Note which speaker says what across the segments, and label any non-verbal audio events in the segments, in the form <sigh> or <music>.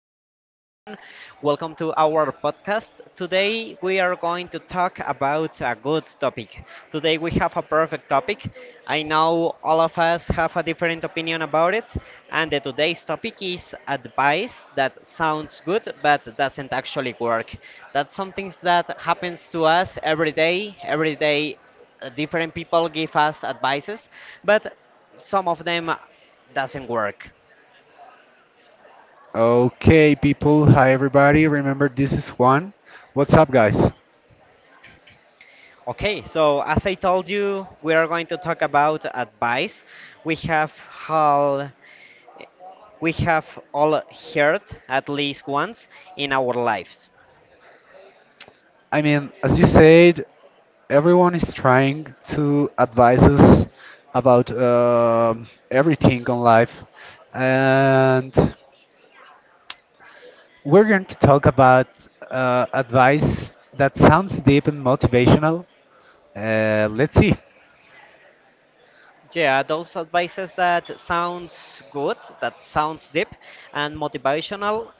Speaker 1: to everyone. Welcome to our podcast. Today we are going to talk about a good topic. Today we have a perfect topic. I know all of us have a different opinion about it, and the today's topic is advice that sounds good but doesn't actually work. That's something that happens to us every day. Every day, different people give us advices, but some of them doesn't work.
Speaker 2: Okay, people. Hi, everybody. Remember, this is Juan. What's up, guys?
Speaker 1: Okay, so as I told you, we are going to talk about advice. We have all we have all heard at least once in our lives.
Speaker 2: I mean, as you said, everyone is trying to advise us about everything on life, and we're going to talk about advice that sounds deep and motivational. Let's see.
Speaker 1: Yeah, those advices that sounds good, that sounds deep and motivational,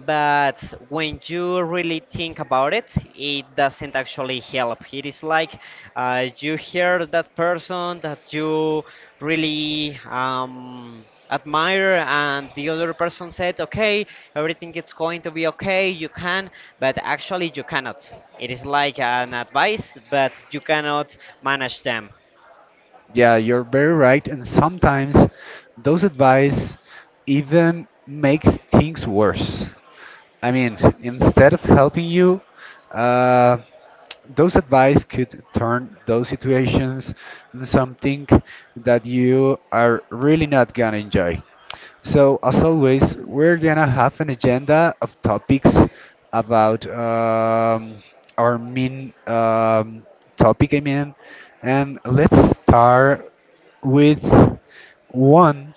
Speaker 1: but when you really think about it, it doesn't actually help. It is like you hear that person that you really admire, and the other person said, "Okay, everything is going to be okay. You can," but actually you cannot. It is like an advice, but you cannot manage them.
Speaker 2: Yeah, you're very right, and sometimes those advice even makes things worse. I mean, instead of helping you, uh, those advice could turn those situations into something that you are really not gonna enjoy. So, as always, we're gonna have an agenda of topics about our main topic, I mean, and let's start with one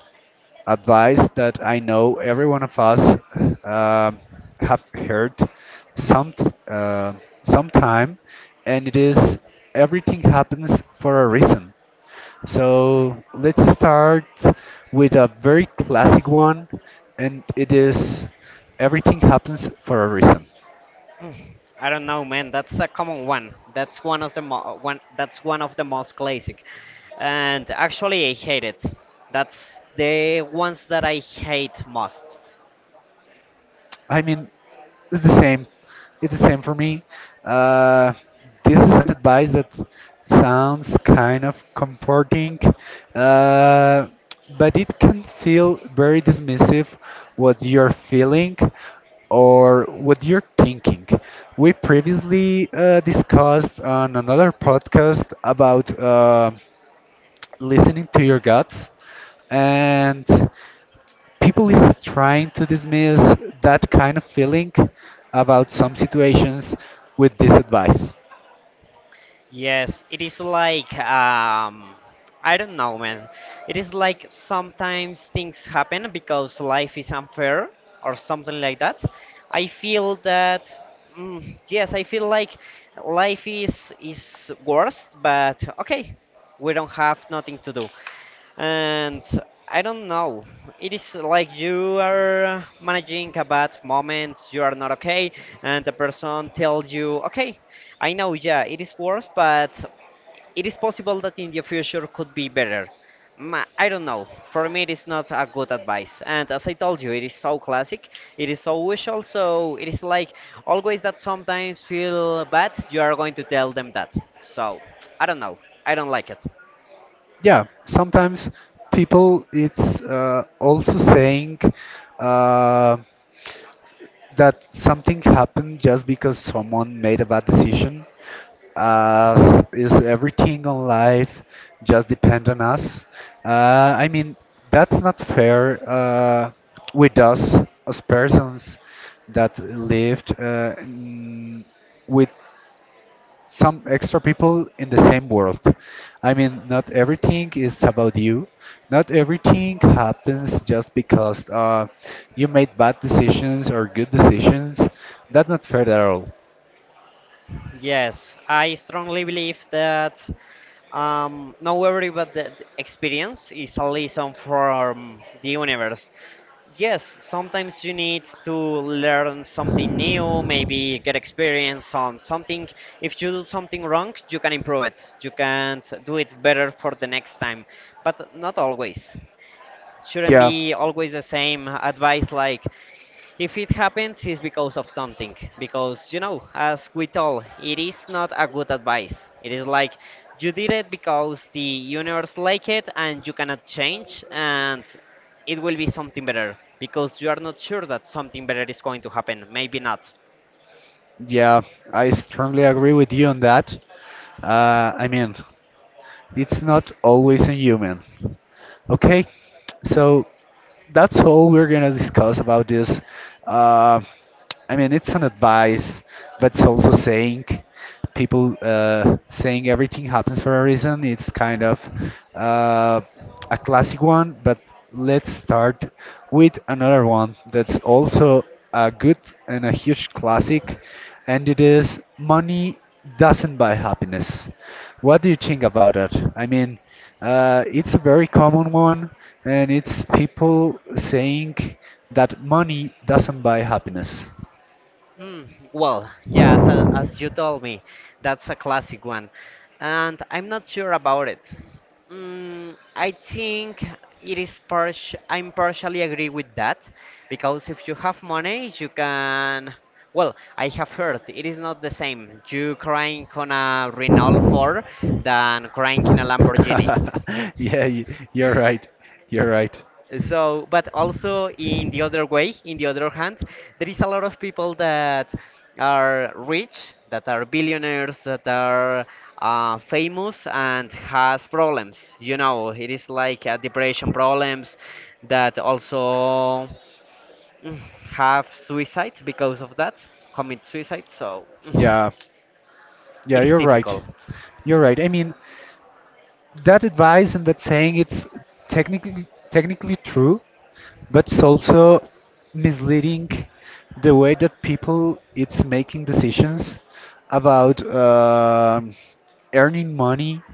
Speaker 2: advice that I know every one of us um have heard some uh, sometime, and it is everything happens for a reason. So let's start with a very classic one, and it is everything happens for a reason.
Speaker 1: <clears throat> I don't know, man. That's a common one. That's one of the mo- one. That's one of the most classic. And actually, I hate it. That's the ones that I hate most.
Speaker 2: I mean, it's the same. It's the same for me. Uh, this is an advice that sounds kind of comforting, uh, but it can feel very dismissive what you're feeling or what you're thinking. We previously discussed on another podcast about listening to your guts and people is trying to dismiss that kind of feeling about some situations with this advice.
Speaker 1: Yes, it is like I don't know, man. It is like sometimes things happen because life is unfair or something like that. I feel that yes, I feel like life is worst, but okay, we don't have nothing to do. And I don't know. It is like you are managing a bad moment, you are not okay, and the person tells you, okay, I know, yeah, it is worse, but it is possible that in the future could be better. I don't know. For me, it is not a good advice. And as I told you, it is so classic, it is so usual, so it is like always that sometimes feel bad, you are going to tell them that. So, I don't know. I don't like it.
Speaker 2: Yeah, sometimes people it's also saying uh, that something happened just because someone made a bad decision as is everything on life just depend on us uh, I mean that's not fair with us as persons that lived with some extra people in the same world. I mean, not everything is about you. Not everything happens just because you made bad decisions or good decisions. That's not fair at all.
Speaker 1: Yes, I strongly believe that not everybody experience is a lesson from the universe. Yes, sometimes you need to learn something new, maybe get experience on something. If you do something wrong, you can improve it. You can do it better for the next time, but not always. Shouldn't
Speaker 2: Yeah,
Speaker 1: be always the same advice like if it happens, it's because of something. Because as we told, it is not a good advice. It is like you did it because the universe like it and you cannot change, and it will be something better. Because you are not sure that something better is going to happen. Maybe not.
Speaker 2: yeah, I strongly agree with you on that. I mean, it's not always a human. Okay, so that's all we're gonna discuss about this. Uh, I mean, it's an advice, but it's also saying people saying everything happens for a reason. It's kind of uh, a classic one, but let's start with another one that's also a good and a huge classic, and it is money doesn't buy happiness. What do you think about that? I mean, it's a very common one, and it's people saying that money doesn't buy happiness. <laughs>
Speaker 1: Mm, well, yes, as you told me, that's a classic one. And I'm not sure about it. I think it is partial, I'm partially agree with that because if you have money, you can. Well, I have heard it is not the same. You crying on a Renault 4 than crying in a Lamborghini.
Speaker 2: Yeah, you're right. You're right.
Speaker 1: So, but also in the other way, in the other hand, there is a lot of people that are rich, that are billionaires, that are famous and has problems. It is like depression problems that also mm, have suicide because of that, commit suicide. So,
Speaker 2: Yeah,
Speaker 1: it
Speaker 2: yeah,
Speaker 1: is
Speaker 2: you're right.
Speaker 1: difficult.
Speaker 2: You're right. I mean, that advice and that saying it's technically true, but it's also misleading the way that people it's making decisions about earning money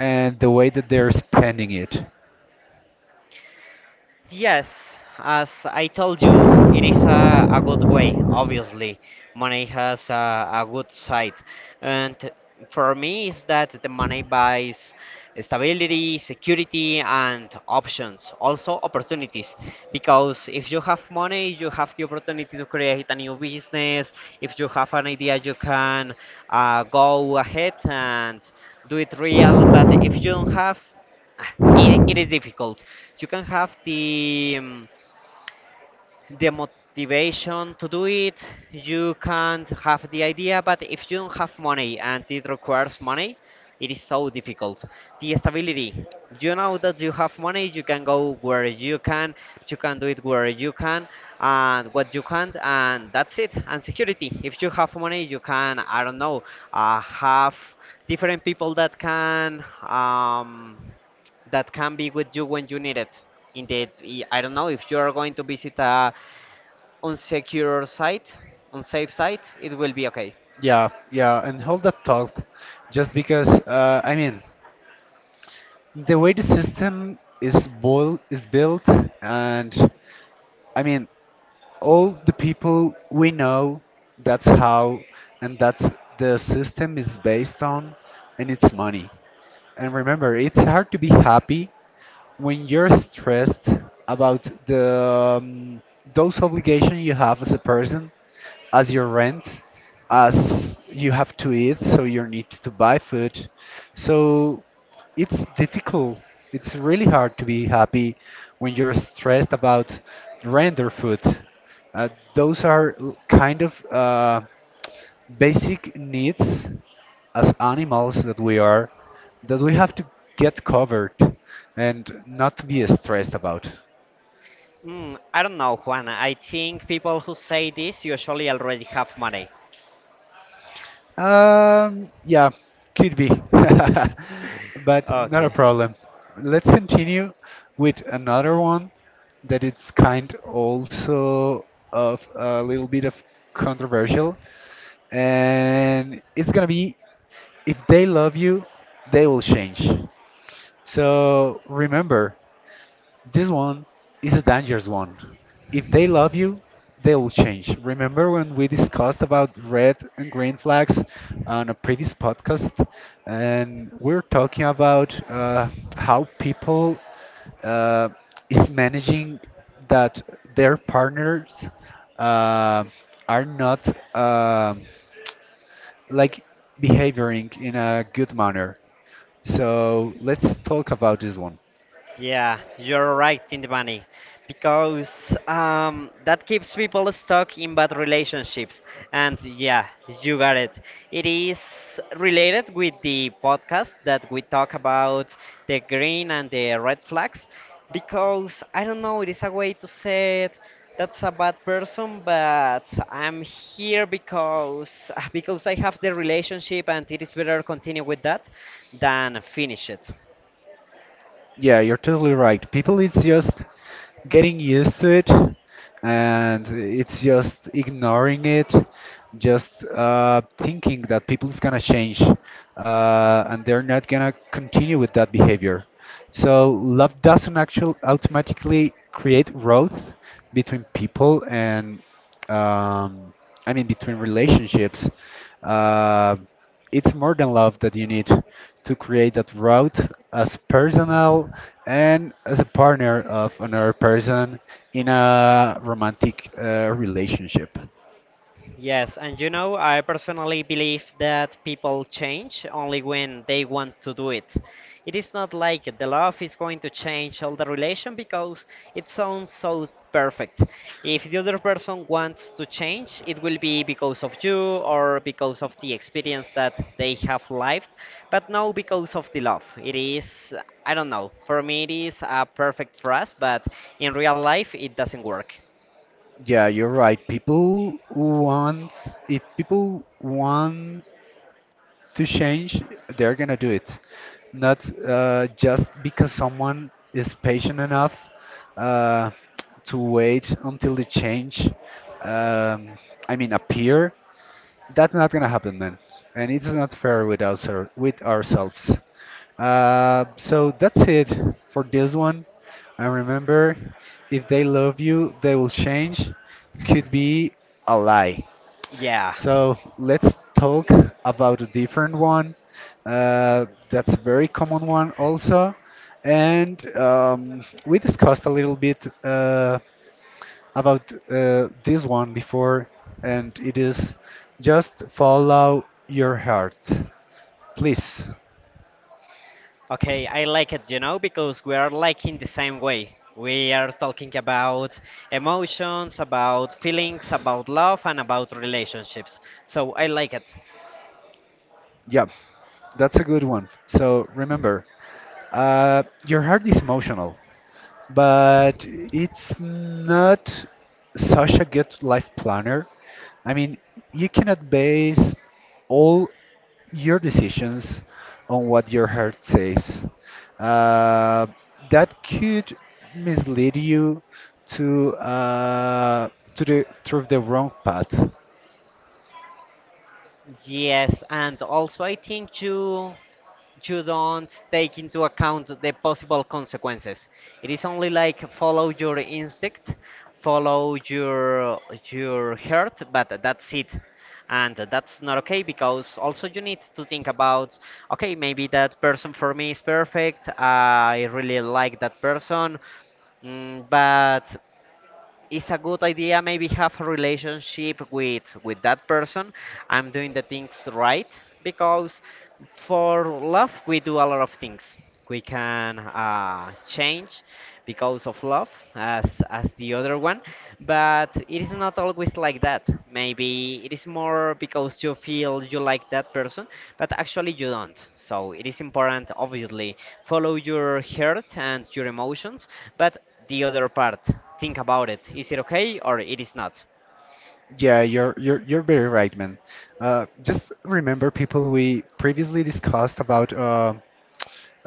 Speaker 2: and the way that they're spending it.
Speaker 1: Yes, as I told you, it is a good way, obviously. Money has a good side. And for me, is that the money buys stability, security, and options, also opportunities. Because if you have money, you have the opportunity to create a new business. If you have an idea, you can go ahead and do it real. But if you don't have, It is difficult. You can have the motivation to do it. You can't have the idea, but if you don't have money and it requires money, it is so difficult. The stability. You know that you have money, you can go where you can do it where you can, and what you can't, and that's it. And security. If you have money, you can, I don't know, have different people that can. That can be with you when you need it. Indeed, I don't know if you are going to visit a on secure site, on safe site, it will be okay.
Speaker 2: Yeah, yeah, and hold that thought, just because I mean the way the system is built, and I mean all the people we know, that's how, and that's the system is based on, and it's money. And remember, it's hard to be happy when you're stressed about the those obligations you have as a person, as your rent, as you have to eat, so you need to buy food. So it's difficult. It's really hard to be happy when you're stressed about rent or food. Uh, those are kind of basic needs as animals that we are that we have to get covered and not be stressed about.
Speaker 1: I don't know, Juan. I think people who say this usually already have money.
Speaker 2: Yeah, could be, <laughs>
Speaker 1: <laughs>
Speaker 2: but not a
Speaker 1: Okay.
Speaker 2: problem. Let's continue with another one that it's kind also of a little bit of controversial, and it's gonna be if they love you, they will change. So remember, this one is a dangerous one. If they love you, they'll change. Remember when we discussed about red and green flags on a previous podcast, and we're talking about how people uh, is managing that their partners uh, are not um like behaving in a good manner. So let's talk about this one.
Speaker 1: Yeah, you're right in the money. Because that keeps people stuck in bad relationships. And yeah, you got it. It is related with the podcast that we talk about the green and the red flags. Because I don't know, it is a way to say it. That's a bad person, but I'm here because <laughs> because I have the relationship, and it is better continue with that than finish it.
Speaker 2: Yeah, you're totally right. People, it's just getting used to it and it's just ignoring it, just thinking that people's gonna change and they're not gonna continue with that behavior. So, love doesn't actually automatically create growth between people and, um, I mean, between relationships. Uh, it's more than love that you need to create that route as personal and as a partner of another person in a romantic relationship.
Speaker 1: Yes, and I personally believe that people change only when they want to do it. It is not like the love is going to change all the relation because it sounds so perfect. If the other person wants to change, it will be because of you or because of the experience that they have lived, but no because of the love. It is, I don't know, for me it is a perfect for us, but in real life it doesn't work.
Speaker 2: Yeah, you're right. People want, if people want to change, they're gonna do it. Not just because someone is patient enough uh, to wait until the change, um, I mean, appear. That's not gonna happen, man. And it's not fair with us or with ourselves. So that's it for this one. And remember, if they love you, they will change. Could be a lie.
Speaker 1: Yeah.
Speaker 2: So let's talk about a different one. That's a very common one also. And we discussed a little bit uh, about this one before, and it is just follow your heart, please.
Speaker 1: Okay, I like it, because we are liking the same way. We are talking about emotions, about feelings, about love, and about relationships. So I like it.
Speaker 2: Yeah, that's a good one. So remember, your heart is emotional, but it's not such a good life planner. I mean, you cannot base all your decisions on what your heart says. Uh, that could mislead you to uh, to the through the wrong path.
Speaker 1: Yes, and also I think you don't take into account the possible consequences. It is only like follow your instinct, follow your heart, but that's it. And that's not okay because also you need to think about okay, maybe that person for me is perfect. I really like that person. But it's a good idea maybe have a relationship with that person. I'm doing the things right because for love we do a lot of things. We can change because of love as the other one, but it is not always like that. Maybe it is more because you feel you like that person, but actually you don't. So it is important, obviously, follow your heart and your emotions, but the other part, think about it. Is it okay or it is not?
Speaker 2: Yeah, you're very right, man. Just remember people we previously discussed about. um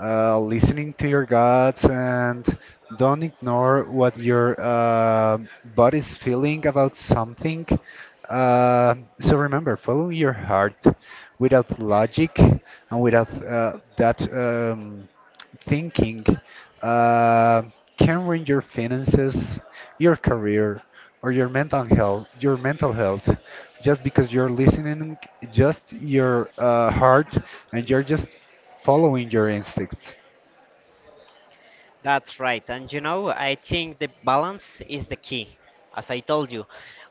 Speaker 2: uh, Listening to your guts and don't ignore what your body's feeling about something. So remember, follow your heart without logic and without that. Thinking uh, can ruin your finances, your career, or your mental health. Your mental health, just because you're listening, just your heart, and you're just following your instincts.
Speaker 1: That's right. And I think the balance is the key. As I told you,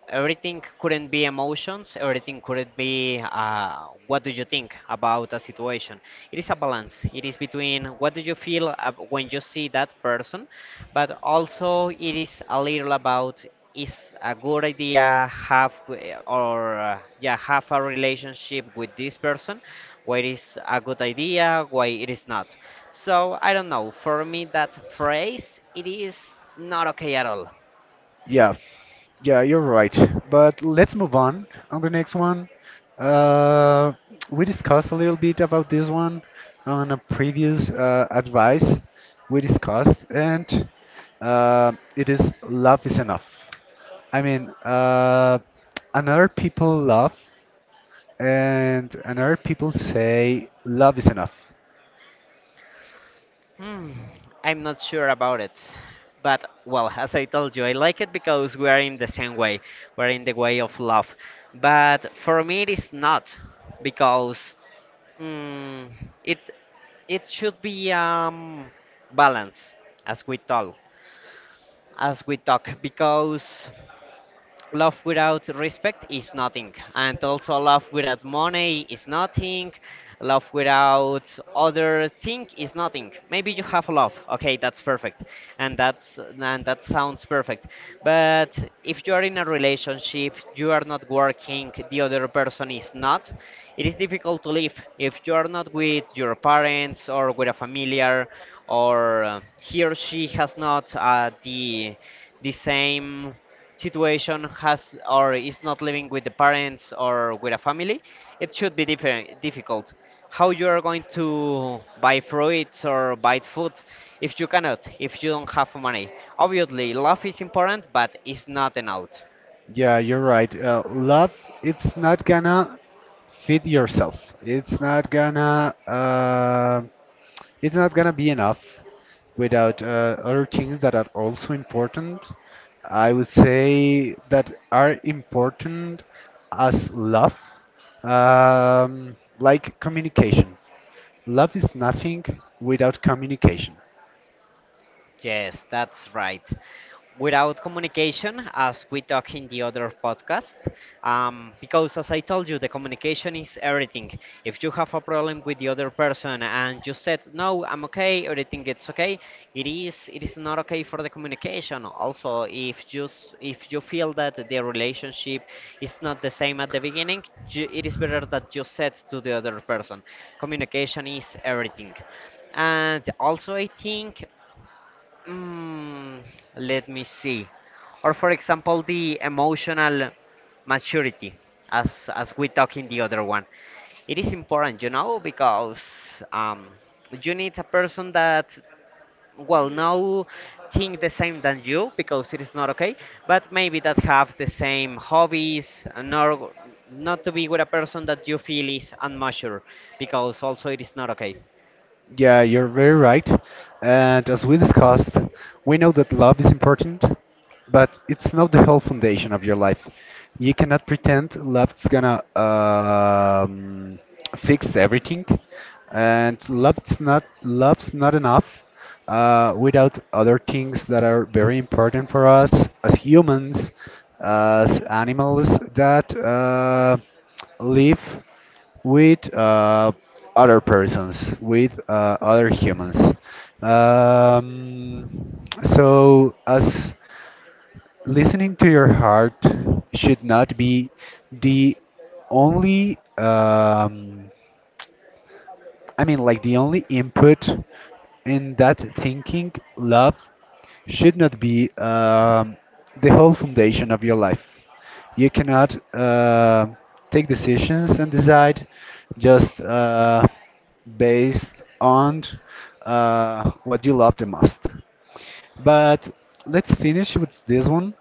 Speaker 1: everything couldn't be emotions, everything couldn't be what do you think about a situation. It is a balance. It is between what do you feel when you see that person, but also it is a little about is a good idea have or yeah have a relationship with this person. Why it is a good idea, why it is not. So, I don't know, for me that phrase it is not okay at all.
Speaker 2: Yeah, Yeah, you're right. But let's move on the next one. Uh, we discussed a little bit about this one on a previous advice we discussed, and it is love is enough. I mean, another people love, and another people say love is enough.
Speaker 1: Hmm, I'm not sure about it. But, well, as I told you, I like it because we are in the same way. We're in the way of love. But for me, it is not because mm, it it should be balance, as we talk as we talk, because love without respect is nothing, and also love without money is nothing. Love without other thing is nothing. Maybe you have love, okay, that's perfect, and that sounds perfect, but if you are in a relationship you are not working, the other person is not, it is difficult to live if you are not with your parents or with a familiar or he or she has not the same situation has or is not living with the parents or with a family, it should be different, difficult. How you are going to buy fruits or buy food if you cannot, if you don't have money. Obviously, love is important, but it's not enough.
Speaker 2: Yeah, you're right. Love, it's not gonna feed yourself. It's not gonna. It's not gonna be enough without other things that are also important. I would say that are important as love, like communication. Love is nothing without communication.
Speaker 1: Yes, that's right. Without communication, as we talk in the other podcast, because as I told you, the communication is everything. If you have a problem with the other person and you said, "No, I'm okay," everything it's okay, it is not okay for the communication. Also, if if you feel that the relationship is not the same at the beginning, you, it is better that you said to the other person, "Communication is everything." And also, I think Mm, let me see. Or for example, the emotional maturity, as we talk in the other one. It is important, because you need a person that well no think the same than you because it is not okay, but maybe that have the same hobbies, nor not to be with a person that you feel is unmature because also it is not okay.
Speaker 2: Yeah, you're very right. And as we discussed, we know that love is important, but it's not the whole foundation of your life. You cannot pretend love's gonna fix everything, and love's not enough without other things that are very important for us as humans, as animals that live with other persons, with other humans. Um, so, as listening to your heart should not be the only I mean, like the only input in that thinking, love should not be the whole foundation of your life. You cannot take decisions and decide just based on what you love the most. But let's finish with this one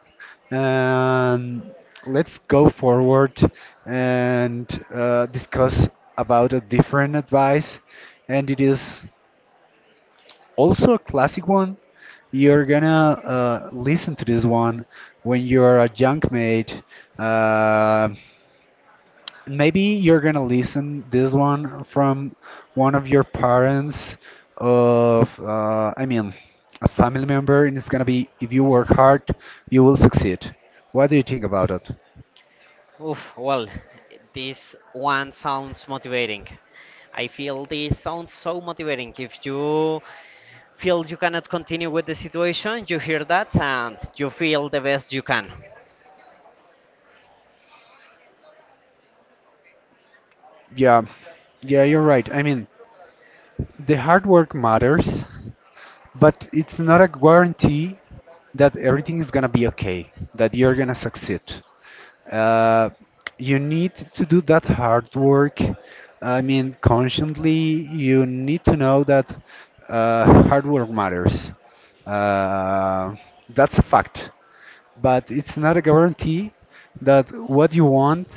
Speaker 2: and let's go forward and discuss about a different advice. And it is also a classic one. You're gonna listen to this one when you're a junk mate. uh, Maybe you're gonna listen this one from one of your parents of I mean a family member and it's gonna be if you work hard you will succeed. What do you think about it?
Speaker 1: Oof, well, this one sounds motivating. I feel this sounds so motivating. If you feel you cannot continue with the situation, you hear that and you feel the best you can.
Speaker 2: Yeah, yeah, you're right. I mean the hard work matters, but it's not a guarantee that everything is gonna be okay, that you're gonna succeed. uh, you need to do that hard work. I mean, consciently, you need to know that hard work matters. Uh, that's a fact, but it's not a guarantee that what you want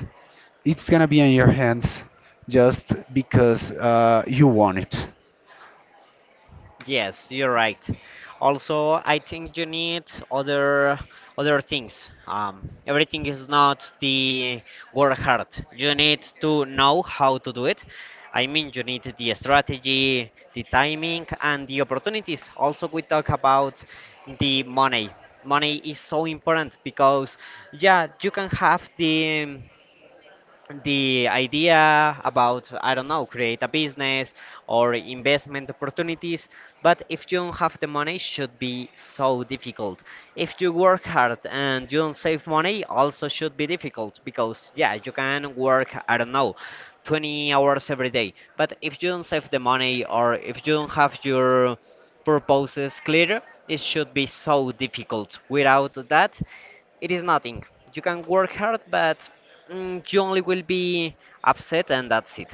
Speaker 2: it's gonna be in your hands just because you want it.
Speaker 1: Yes, you're right. Also, I think you need other other things. Everything is not the work hard. You need to know how to do it. I mean, you need the strategy, the timing, and the opportunities. Also, we talk about the money. Money is so important because, yeah, you can have the idea about, I don't know, create a business or investment opportunities, but if you don't have the money it should be so difficult. If you work hard and you don't save money, also should be difficult because, yeah, you can work, I don't know, 20 hours every day, but if you don't save the money or if you don't have your purposes clear, it should be so difficult. Without that, it is nothing. You can work hard, but you only will be upset and that's it.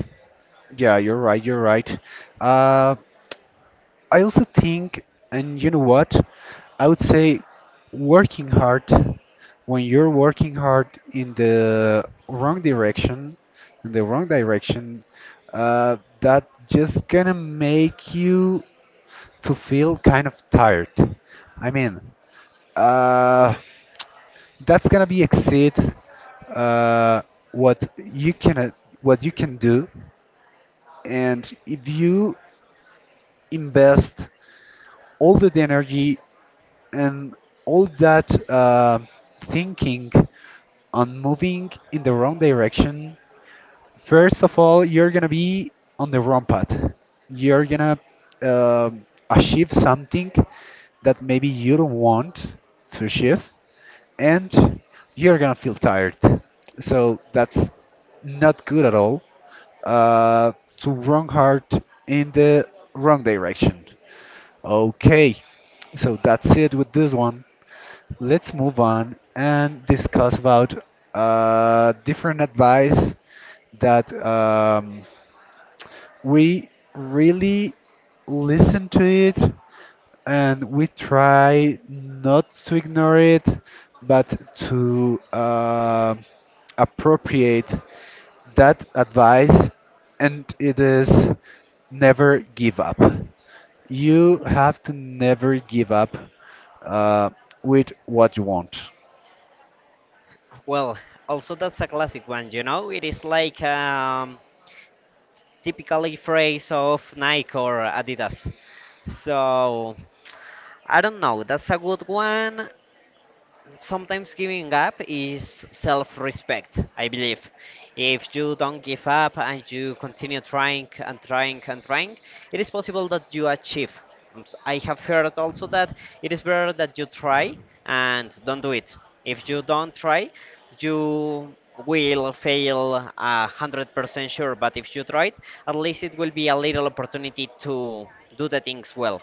Speaker 2: Yeah, you're right. You're right. Uh, I also think, and you know what? I would say working hard, when you're working hard in the wrong direction, in the wrong direction, that just gonna make you to feel kind of tired. I mean, uh, that's gonna be exceed uh, what you can uh, what you can do, and if you invest all the energy and all that thinking on moving in the wrong direction, first of all, you're gonna be on the wrong path. You're gonna achieve something that maybe you don't want to achieve, and you're gonna feel tired. So that's not good at all. Uh, to wrong heart in the wrong direction. Okay, so that's it with this one. Let's move on and discuss about different advice that we really listen to it and we try not to ignore it but to appropriate that advice and it is never give up. You have to never give up uh, with what you want.
Speaker 1: Well, also that's a classic one, you know? It is like typically phrase of Nike or Adidas. So I don't know, that's a good one. Sometimes giving up is self respect, I believe. If you don't give up and you continue trying and trying and trying, it is possible that you achieve. I have heard also that it is better that you try and don't do it. If you don't try, you will fail 100% sure. But if you try it, at least it will be a little opportunity to do the things well.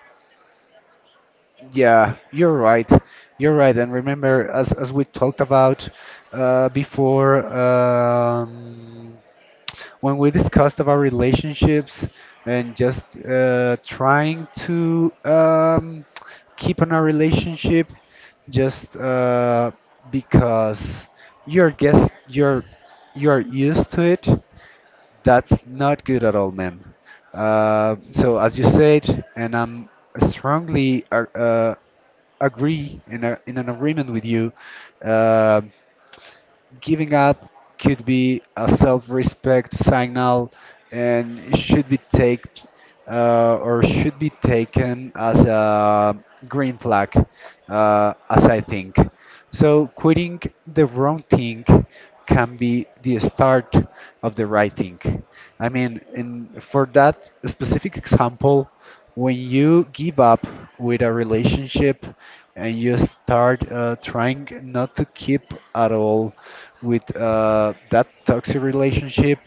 Speaker 2: Yeah, you're right. You're right. And remember, as we talked about before, when we discussed about relationships and just trying to keep on a relationship, just because you're guess you're used to it, that's not good at all, man. So as you said, and I'm strongly agree in a, in an agreement with you. um Giving up could be a self-respect signal and should be taken or should be taken as a green flag as I think. So quitting the wrong thing can be the start of the right thing. I mean, in for that specific example, when you give up with a relationship and you start trying not to keep at all with that toxic relationship,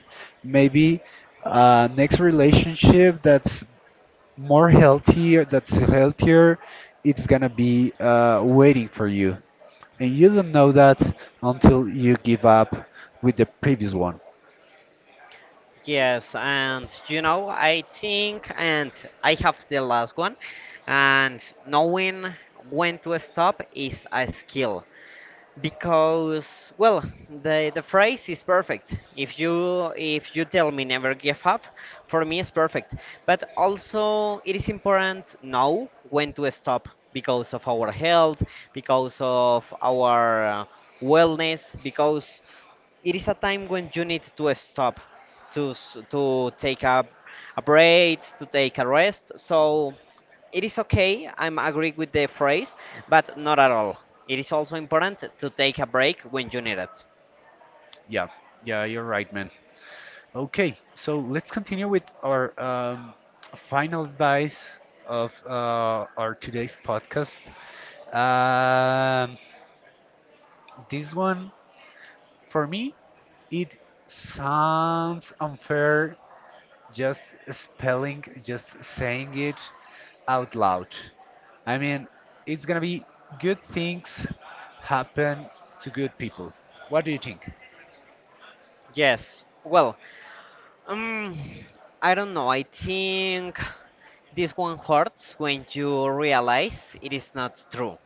Speaker 2: maybe next relationship that's more healthier, that's healthier, it's gonna be waiting for you. And you don't know that until you give up with the previous one.
Speaker 1: Yes, and you know, I think, and I have the last one, and knowing when to stop is a skill, because well the phrase is perfect. If you, if you tell me never give up, for me it's perfect, but also it is important know when to stop because of our health, because of our wellness, because it is a time when you need to stop to to take a break, to take a rest. So it is okay, I'm agree with the phrase, but not at all. It is also important to take a break when you need it.
Speaker 2: Yeah, yeah, you're right, man. Okay, so let's continue with our final advice of our today's podcast. Um, this one, for me, it sounds unfair just spelling, just saying it out loud. I mean, it's gonna be good things happen to good people. What do you think?
Speaker 1: Yes, well, um, I don't know, I think this one hurts when you realize it is not true,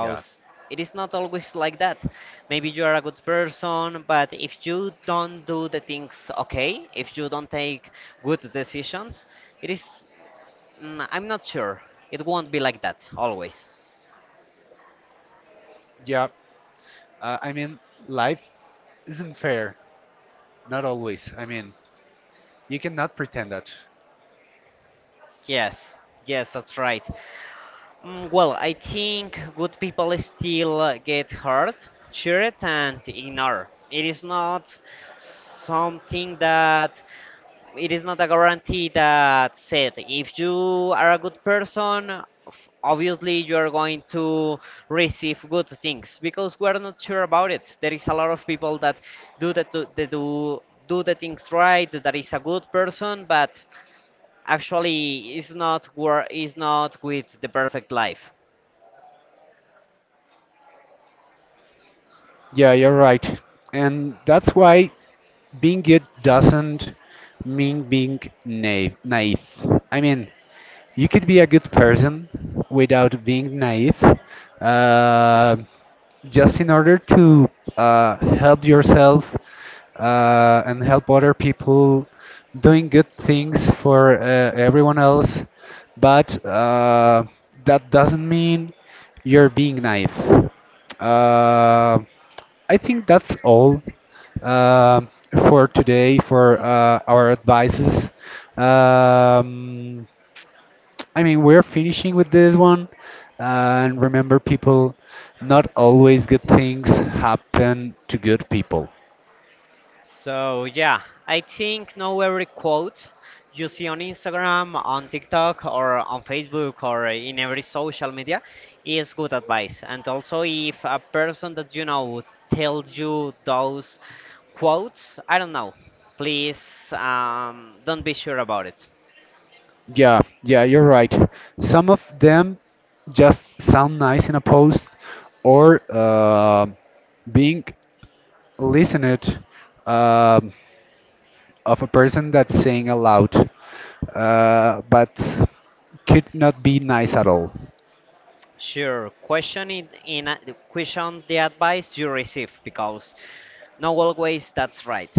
Speaker 2: Yeah.
Speaker 1: it is not always like that. Maybe you are a good person, but if you don't do the things okay, if you don't take good decisions, it is I'm not sure. It won't be like that, always.
Speaker 2: Yeah, I mean, life isn't fair. Not always. I mean, you cannot pretend that.
Speaker 1: Yes, yes, that's right. Mm, well, I think good people still get hurt, cheered, and ignored. It is not something that, it is not a guarantee that said if you are a good person, obviously you are going to receive good things, because we are not sure about it. There is a lot of people that do that they do the things right, that is a good person, but actually is not wor- is not with the perfect life.
Speaker 2: Yeah, you're right. And that's why being good doesn't mean being naive. I mean, you could be a good person without being naive, uh, just in order to help yourself and help other people doing good things for everyone else. But that doesn't mean you're being naive. Uh, I think that's all um, for today for our advices. Um, I mean, we're finishing with this one. And remember, people, not always good things happen to good people.
Speaker 1: So yeah, I think know every quote you see on Instagram, on TikTok, or on Facebook, or in every social media is good advice. And also, if a person that you know tells you those quotes, I don't know, please, don't be sure about it.
Speaker 2: Yeah, yeah, you're right. Some of them just sound nice in a post or being listened um of a person that's saying aloud, but could not be nice at all.
Speaker 1: Sure, question in a- question the advice you receive because not always that's right.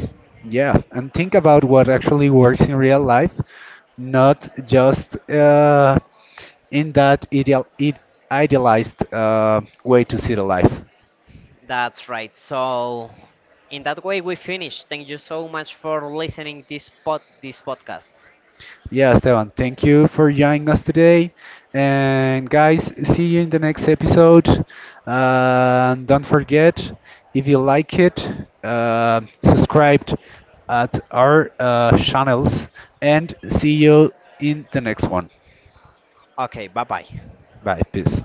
Speaker 2: Yeah, and think about what actually works in real life, not just in that idealized way to see the life.
Speaker 1: That's right. So, in that way, we finish. Thank you so much for listening this pod this podcast.
Speaker 2: Yeah, Esteban, thank you for joining us today. And guys, see you in the next episode. And don't forget, if you like it, subscribe at our channels and see you in the next one.
Speaker 1: Okay, bye bye.
Speaker 2: Bye, peace.